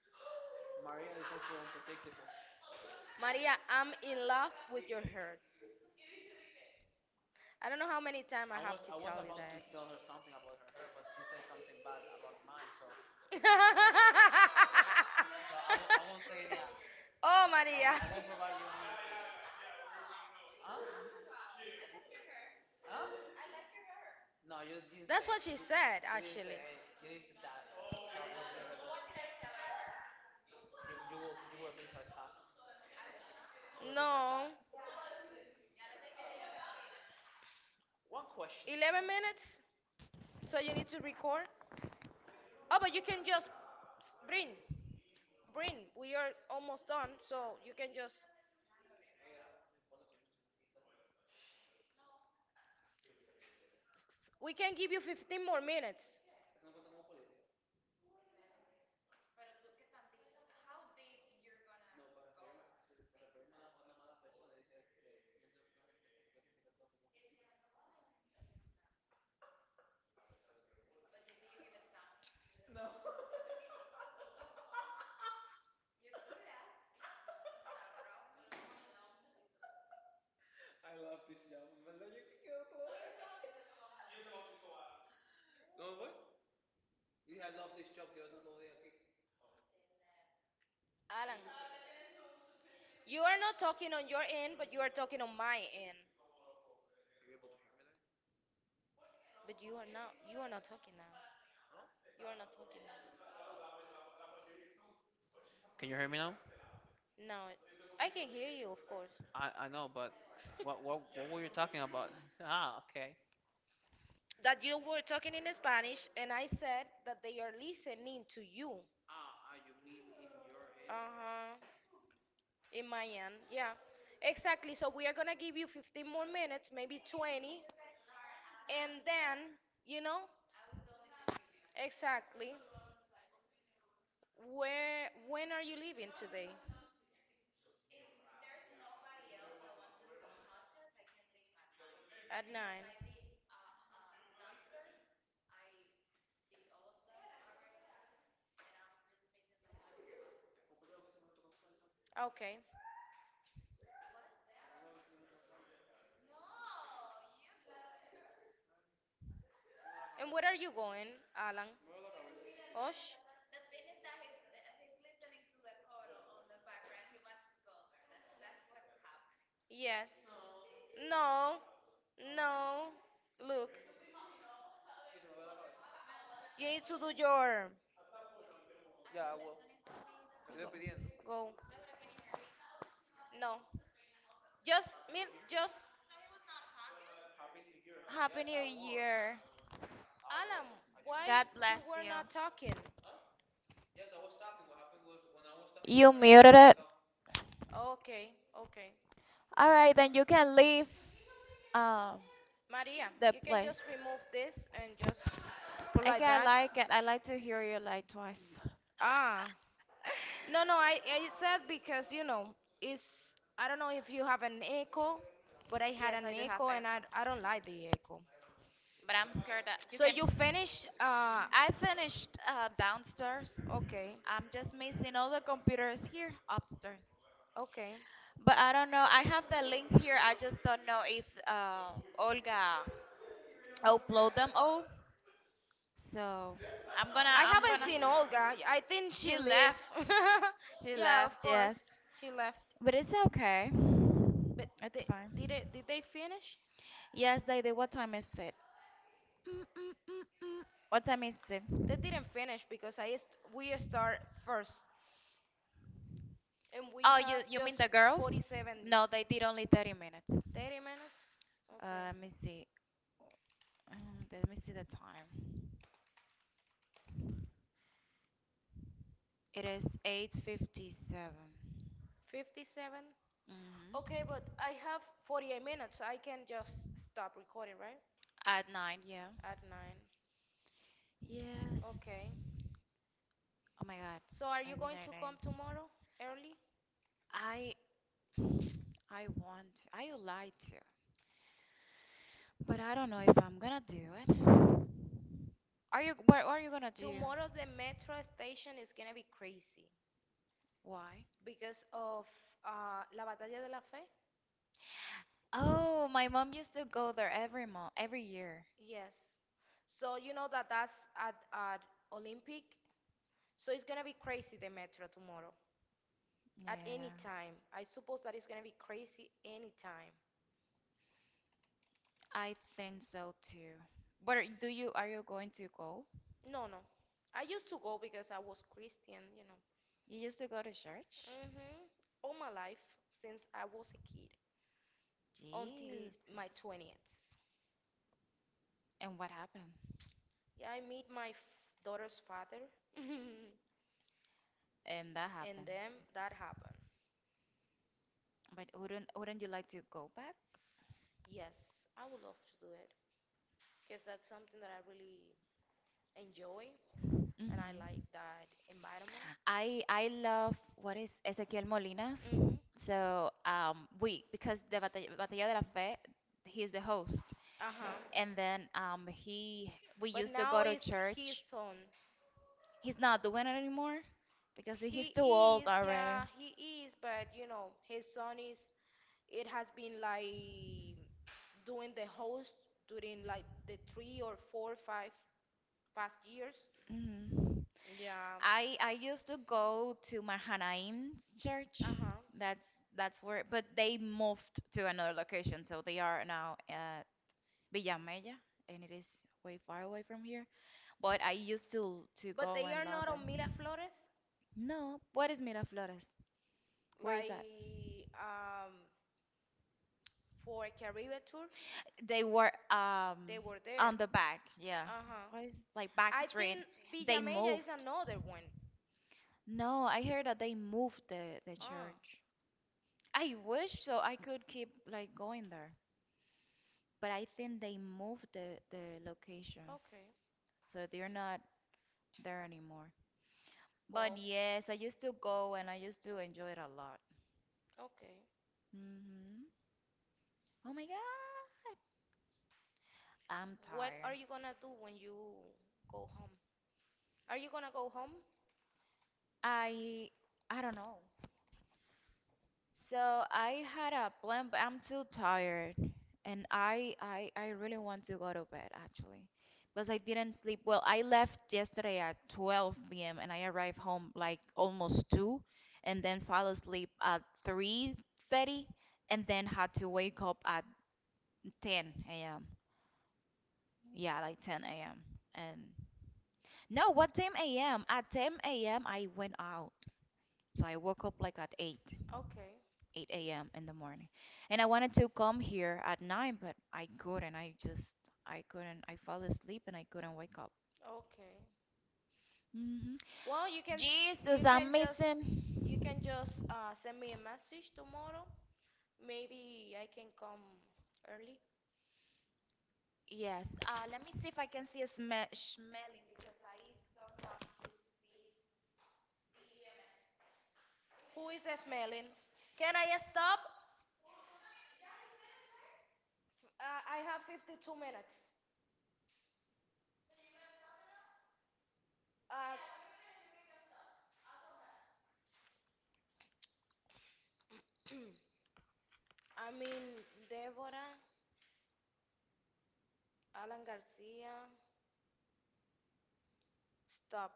S1: Maria is also unpredictable.
S2: Maria, I'm in love with your heart. I don't know how many times I have to
S1: I was
S2: tell you
S1: about
S2: that.
S1: to tell her something about her, but she said something bad about mine, so.
S2: Oh, Maria.
S1: Huh? Huh?
S2: No.
S1: No, you, you,
S2: That's what she said, yeah,
S1: you didn't
S2: actually.
S1: say you didn't say that. A couple of years ago, you were being
S2: Like,
S1: sarcastic. You were
S2: no,
S1: sarcastic. One question.
S2: 11 minutes. So you need to record. Oh, but you can just psst, bring, psst, bring. We are almost done, so you can just. We can give you 15 more minutes. I love this job. ¿En verdad yo ¿Cómo fue? I love this job, quiero otro aplaudir. Alan, you are not talking on your end, but you are talking on my end. But you are not. You are not talking now. You are not talking now.
S1: Can you hear me now?
S2: No, I can hear you, of course.
S1: I know, but what were you talking about? Ah, okay.
S2: That you were talking in Spanish, and I said that they are listening to you. Ah, you mean in your end? Uh huh. In my end, yeah. Exactly. So we are gonna give you 15 more minutes, maybe 20, and then you know exactly. Where, when are you leaving today? At 9. Okay. And where are you going, Alan? Osh? Yes. No. No. Look, you need to do your yeah, I will. Te Go. Pidiendo. Go. No. Just me just Alan, why you were not talking? Okay, okay. Maria, you can just remove this and just put like that. Ah, no, no, I said because you know it's I don't know if you have an echo, but I had an echo and I don't like the echo. So you finish? Okay, okay. I haven't seen Olga. I think she left. Yeah, of course, she left. They, did it, did they finish? They didn't finish because we start first. And we have just 47, 30 minutes, or 57. Okay, but I have 48 minutes. I can just stop recording, right? At 9. Okay. So are you going to come tomorrow early? Tomorrow the metro station is gonna be crazy
S1: Why
S2: because of La Batalla de la Fe. Yes. So you know that that's at Olympic. So it's gonna be crazy the metro tomorrow. At any time. I suppose that it's going to be crazy anytime.
S1: are you going to go?
S2: No, no. I used to go because I was Christian, you know.
S1: You used to go to church?
S2: Hmm. All my life since I was a kid until
S1: Jeez.
S2: my 20th.
S1: And what happened?
S2: Yeah, I meet my daughter's father.
S1: And that
S2: And
S1: happened.
S2: then that happened.
S1: But wouldn't you like to go back?
S2: Yes, I would love to do it because that's something that I really enjoy and I like
S1: Hmm.
S2: that environment.
S1: I love what is Ezequiel Molinas. So, we because the Batalla de la Fe, he's the host.
S2: Uh huh.
S1: And then he we
S2: But
S1: used to
S2: now
S1: go to
S2: it's his
S1: church.
S2: son.
S1: He's not doing it anymore because
S2: He
S1: he's too old
S2: yeah,
S1: already.
S2: he is, but you know, his son is, it has been like doing the host during like the three or four or five past years.
S1: Hmm.
S2: Yeah.
S1: I used to go to Mar church.
S2: Uh-huh.
S1: That's that's where, but they moved to another location, so they are now at Villa Mella, and it is way far away from here. But I used to
S2: But
S1: go
S2: they
S1: and
S2: are
S1: love
S2: not on Mila
S1: it.
S2: Flores,
S1: No, what is Miraflores? Where is that?
S2: like for Caribe tour.
S1: They were
S2: They were there.
S1: on the back, yeah.
S2: Uh-huh.
S1: What is like back
S2: I
S1: street?
S2: think
S1: They
S2: Villamella is
S1: moved.
S2: another one.
S1: No, I heard that they moved the
S2: Ah,
S1: church. I wish so I could keep like going there. But I think they moved the location,
S2: okay.
S1: so they're not there anymore. But yes, I used to go and I used to enjoy it a lot.
S2: Okay.
S1: Hmm. Oh my God, I'm
S2: What are
S1: tired.
S2: you gonna do when you go home? Are you gonna go home?
S1: I I don't know. So I had a plan, but I'm too tired, and I really want to go to bed actually, because I didn't sleep well. I left yesterday at 12 p.m. and I arrived home like almost 2, and then fell asleep at 3:30, and then had to wake up at 10 a.m. Yeah, like 10 a.m. And no, what 10 a.m.? At 10 a.m. I went out, so I woke up like at 8.
S2: Okay.
S1: 8 a.m. in the morning. And I wanted to come here at 9, but I couldn't. I just, I couldn't. I fell asleep and I couldn't wake up.
S2: Okay.
S1: Hmm.
S2: Well,
S1: Jesus, I'm
S2: just
S1: missing.
S2: you can just send me a message tomorrow. Maybe I can come early.
S1: Yes. Let me see if I can see a smell
S2: Who is smelling? Can I stop? I have 52 minutes. Uh, I mean, Deborah, Alan Garcia, stop.